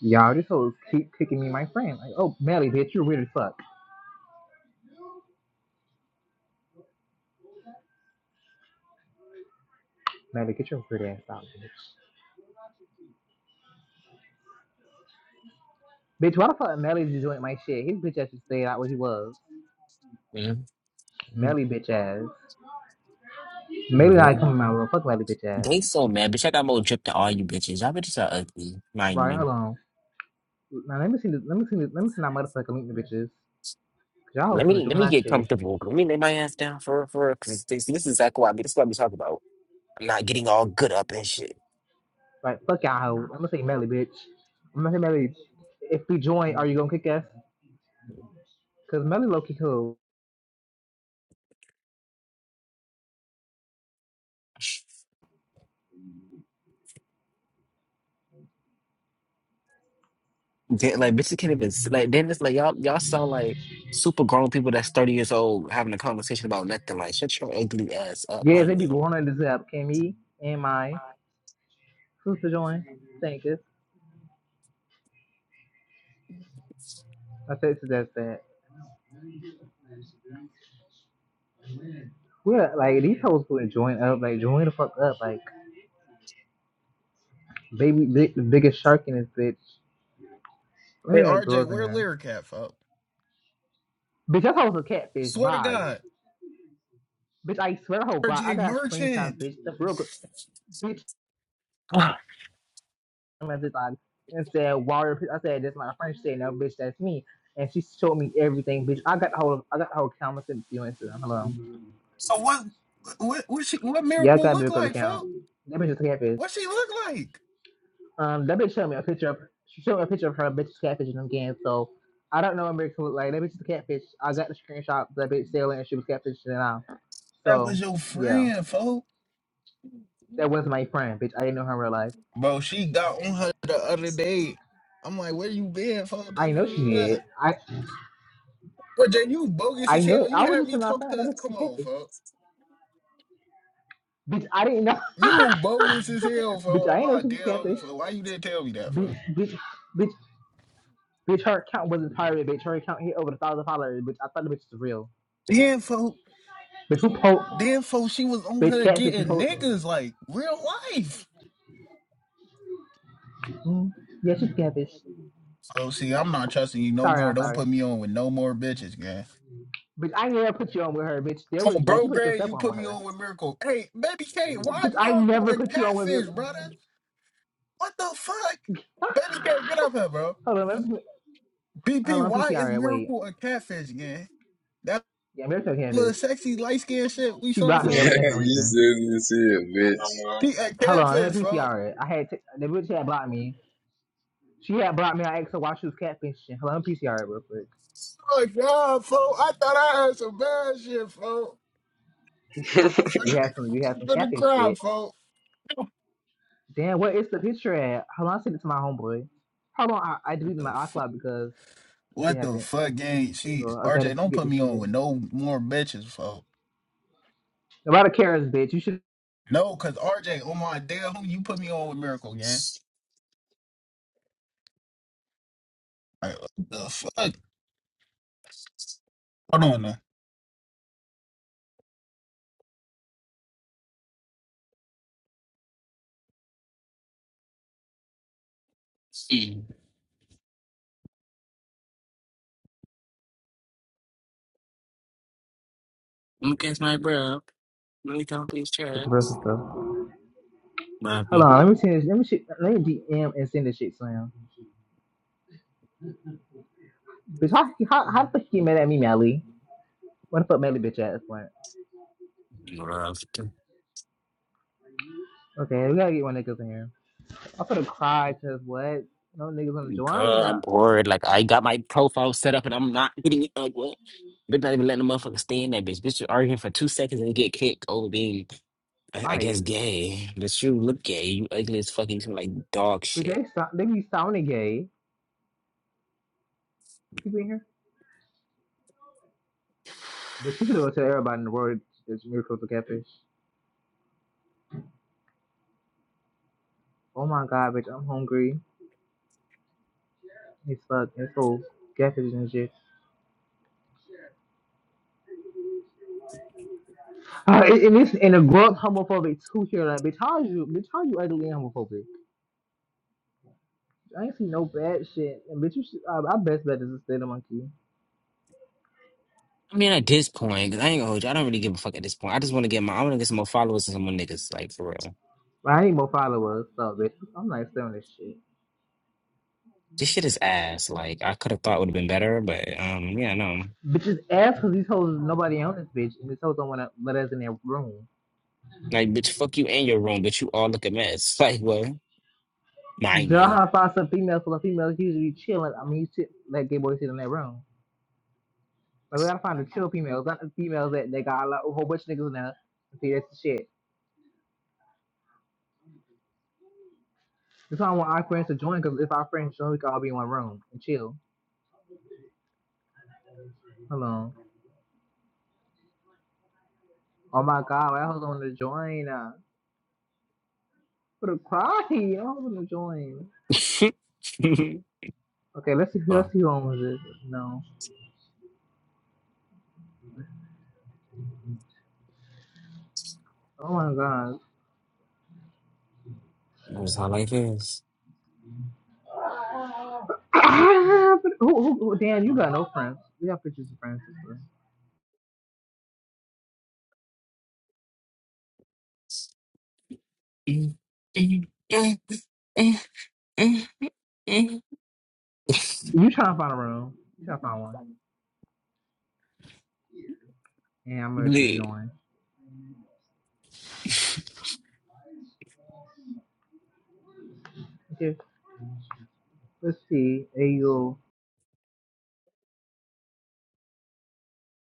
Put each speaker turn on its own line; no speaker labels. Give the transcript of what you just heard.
Y'all, this hoe keep kicking me my friend. Like, oh, Melly, bitch, you're weird as fuck. Melly, get your weird ass out, bitch. Bitch, why the fuck Melly just joined my shit? His bitch ass should stay out where he was.
man.
Melly, bitch ass. Melly not coming
Bro.
my room. Fuck Melly, bitch ass.
They so mad, bitch. I got more drip to all you bitches. Y'all bitches are ugly, mind
Right,
you.
hold on. Now, let me see this, let me see this, let me see that motherfucker link the bitches. Cause y'all hoes
Let
finna
me let
join
me
that
get
shit.
comfortable. Let me lay my ass down for for because this, this is exactly what I be. This is what I be talking about. I'm not getting all good up and shit.
Like, fuck y'all hoe. I'm gonna say Melly, bitch. I'm gonna say Melly, if we join, are you gonna kick us? Cause Melly low key cool.
Then, like bitches can't even s- like. Then it's like y'all y'all sound like super grown people that's thirty years old having a conversation about nothing. Like shut your ugly ass up,
Yeah, they
mind
be
you.
going on this app. Can me and my sister join? Thank you. I said suggest that. What like these hoes gonna join up? Like join the fuck up? Like baby, big, the biggest shark in this bitch. Look
Hey
at that
RJ,
girls in
where
here.
lyric at, folks?
Bitch, that hoe's a catfish.
Swear to
Bye.
God,
Bitch, I swear, hoe. Bye. I
RJ
got screenshots,
Merchant.
bitch. The real good bitch message on and said, "Water." I said, "That's my friend." She said, "No, bitch, that's me." And she showed me everything, bitch. I got the whole, I got the whole account. I sent it to you on Instagram. Hello.
So what? What? What she? What
Yeah, I
miracle
got a
look
big girl
like,
account.
folks?
That bitch is a catfish.
What she look like?
Um, that bitch showed me a picture of she showed me a picture of her bitch catfishing them games. So I don't know America look like that bitch is a catfish. I got the screenshot of that bitch sailing and she was catfishing and out.
That
So
was your
yeah,
friend, folks.
that was my friend, bitch. I didn't know her in real life.
Bro, she got on her the other day. I'm like, where you been, folks? Da, da,
I know she
da,
did.
da.
I
RJ, you bogus
I
as
know it.
hell. You
I was
had
just
me
in my
talk
friend. That
to.
bitch is a
Come on,
catfish.
folks.
Bitch, I didn't know.
You bogus as hell, folks.
bitch,
Oh
I didn't know
my
she was a
damn,
catfish.
folks. Why you didn't tell me that,
Bitch,
folks?
bitch, bitch, bitch. Her account wasn't pirated. Bitch, her account hit over a thousand followers. Bitch, I thought the bitch was real.
Then, folks.
Bitch, who post?
Then, folks. She was on
Bitch,
her
catfish is
getting
post.
niggas like real life.
Mm, yeah, she's catfish.
Oh, see, I'm not trusting you no
Sorry,
more.
I'm
Don't
sorry.
put me on with no more bitches, gang.
Bitch, I never put you on with her, bitch. There
Oh,
was, bitch,
bro,
you put
Greg,
yourself
you
on
put
with
me
her.
on with Miracle. Hey, Baby K, why
Bitch, I
Miracle
never
and
put you on with your.
Catfish, brother? What the fuck? Baby K, get up here, bro.
hold on, let me put, hold
BP,
on,
why is
PTR it. Wait,
Miracle a Catfish, gang? That
yeah, there's no
little
catfish.
sexy light skinned shit we
She
saw,
blocked me
Yeah,
folks.
everything for no
you
reason.
said you see it,
He a
Hold on, let
Catfish,
me
folks.
PTR it. I had t- the bitch had blocked me. She had blocked me. I asked her why she was catfishing. Hold on, PTR it real quick.
Oh, my God, folks. I thought I had some bad shit, folks.
bitch.
Oh, I'm
We
finna,
had some, we had some
finna
catfish
cry,
shit.
folks.
Damn, what is the picture at? Hold on, I sent it to my homeboy. Hold on, I, I
What
deleted my
the fuck?
iCloud because some shit
What the
happened.
fuck, gang? She
So I gotta
RJ, don't
get
put
this
me on
shit.
with no more bitches, folks.
Nobody cares, bitch. You should
No, cause RJ, on my damn, who you put me on with Miracle, gang? Like, what the fuck? Hold on now.
Mm. Look at my bro. Let me count these
With the rest
checks.
of stuff.
What
Hold
happened?
on, let me send this. Let me shit, let me DM and send this shit to him. Bitch, how how how the fuck you mad at me, Melly? Where the fuck Melly bitch at this point?
Girl,
Okay, we gotta get one niggas in here. I'm gonna cry because what? No niggas on the joint. I ain't
I'm
not
bored. Like I got my profile set up and I'm not hitting it. Like what? Bitch, not even letting the motherfucker stay in that bitch. Bitch, you arguing for two seconds and you get kicked over being, I, I guess,
fight.
gay. But you look gay. You ugly as fuck. You smell like dog
Bitch,
shit.
they stop. They be sounding gay. People in here. Bitch, you could go tell everybody in the world it's miracle to catfish. Oh my god, bitch, I'm hungry. It's fuck. It's so catfish and shit. Uh, and, and it's and a grown homophobic too here. Like, bitch, how are you? Bitch, how are you ugly and homophobic? I ain't seen no bad shit. And bitch, you should, uh, our best bet is to stay the monkey.
I mean, at this point, 'cause I ain't gonna hold you. I don't really give a fuck at this point. I just want to get my, I want to get some more followers and some more niggas, like for real.
But I ain't more followers, so bitch, I'm not selling this shit.
This shit is ass. Like I could have thought would have been better, but um, yeah, no.
Bitches ass because these hoes nobody on this bitch, and these hoes don't want to let us in their room.
Like, bitch, fuck you and your room, but you all look a mess. Like, well, mind
Y'all
you.
have to find some females because females usually chilling. I mean, you shit, let gay boys sit in their room. But we gotta find the chill females, not the females that they got a, lot, a whole bunch of niggas in there. See, that's the shit. That's why I want our friends to join, because if our friends join, we can all be in one room and chill. Hold on. Oh my god, why hoes want to join? Uh, for the party, I do want to join. Okay, let's see who let's
well,
see who owns it. No. Oh my god.
that's how life is.
Ah, But who, who, who- Dan, you got no friends. We got pictures of friends. Bro. You trying to find a room. You trying to find one. And I'm gonna just
Lee.
join. Okay. Let's see. AU.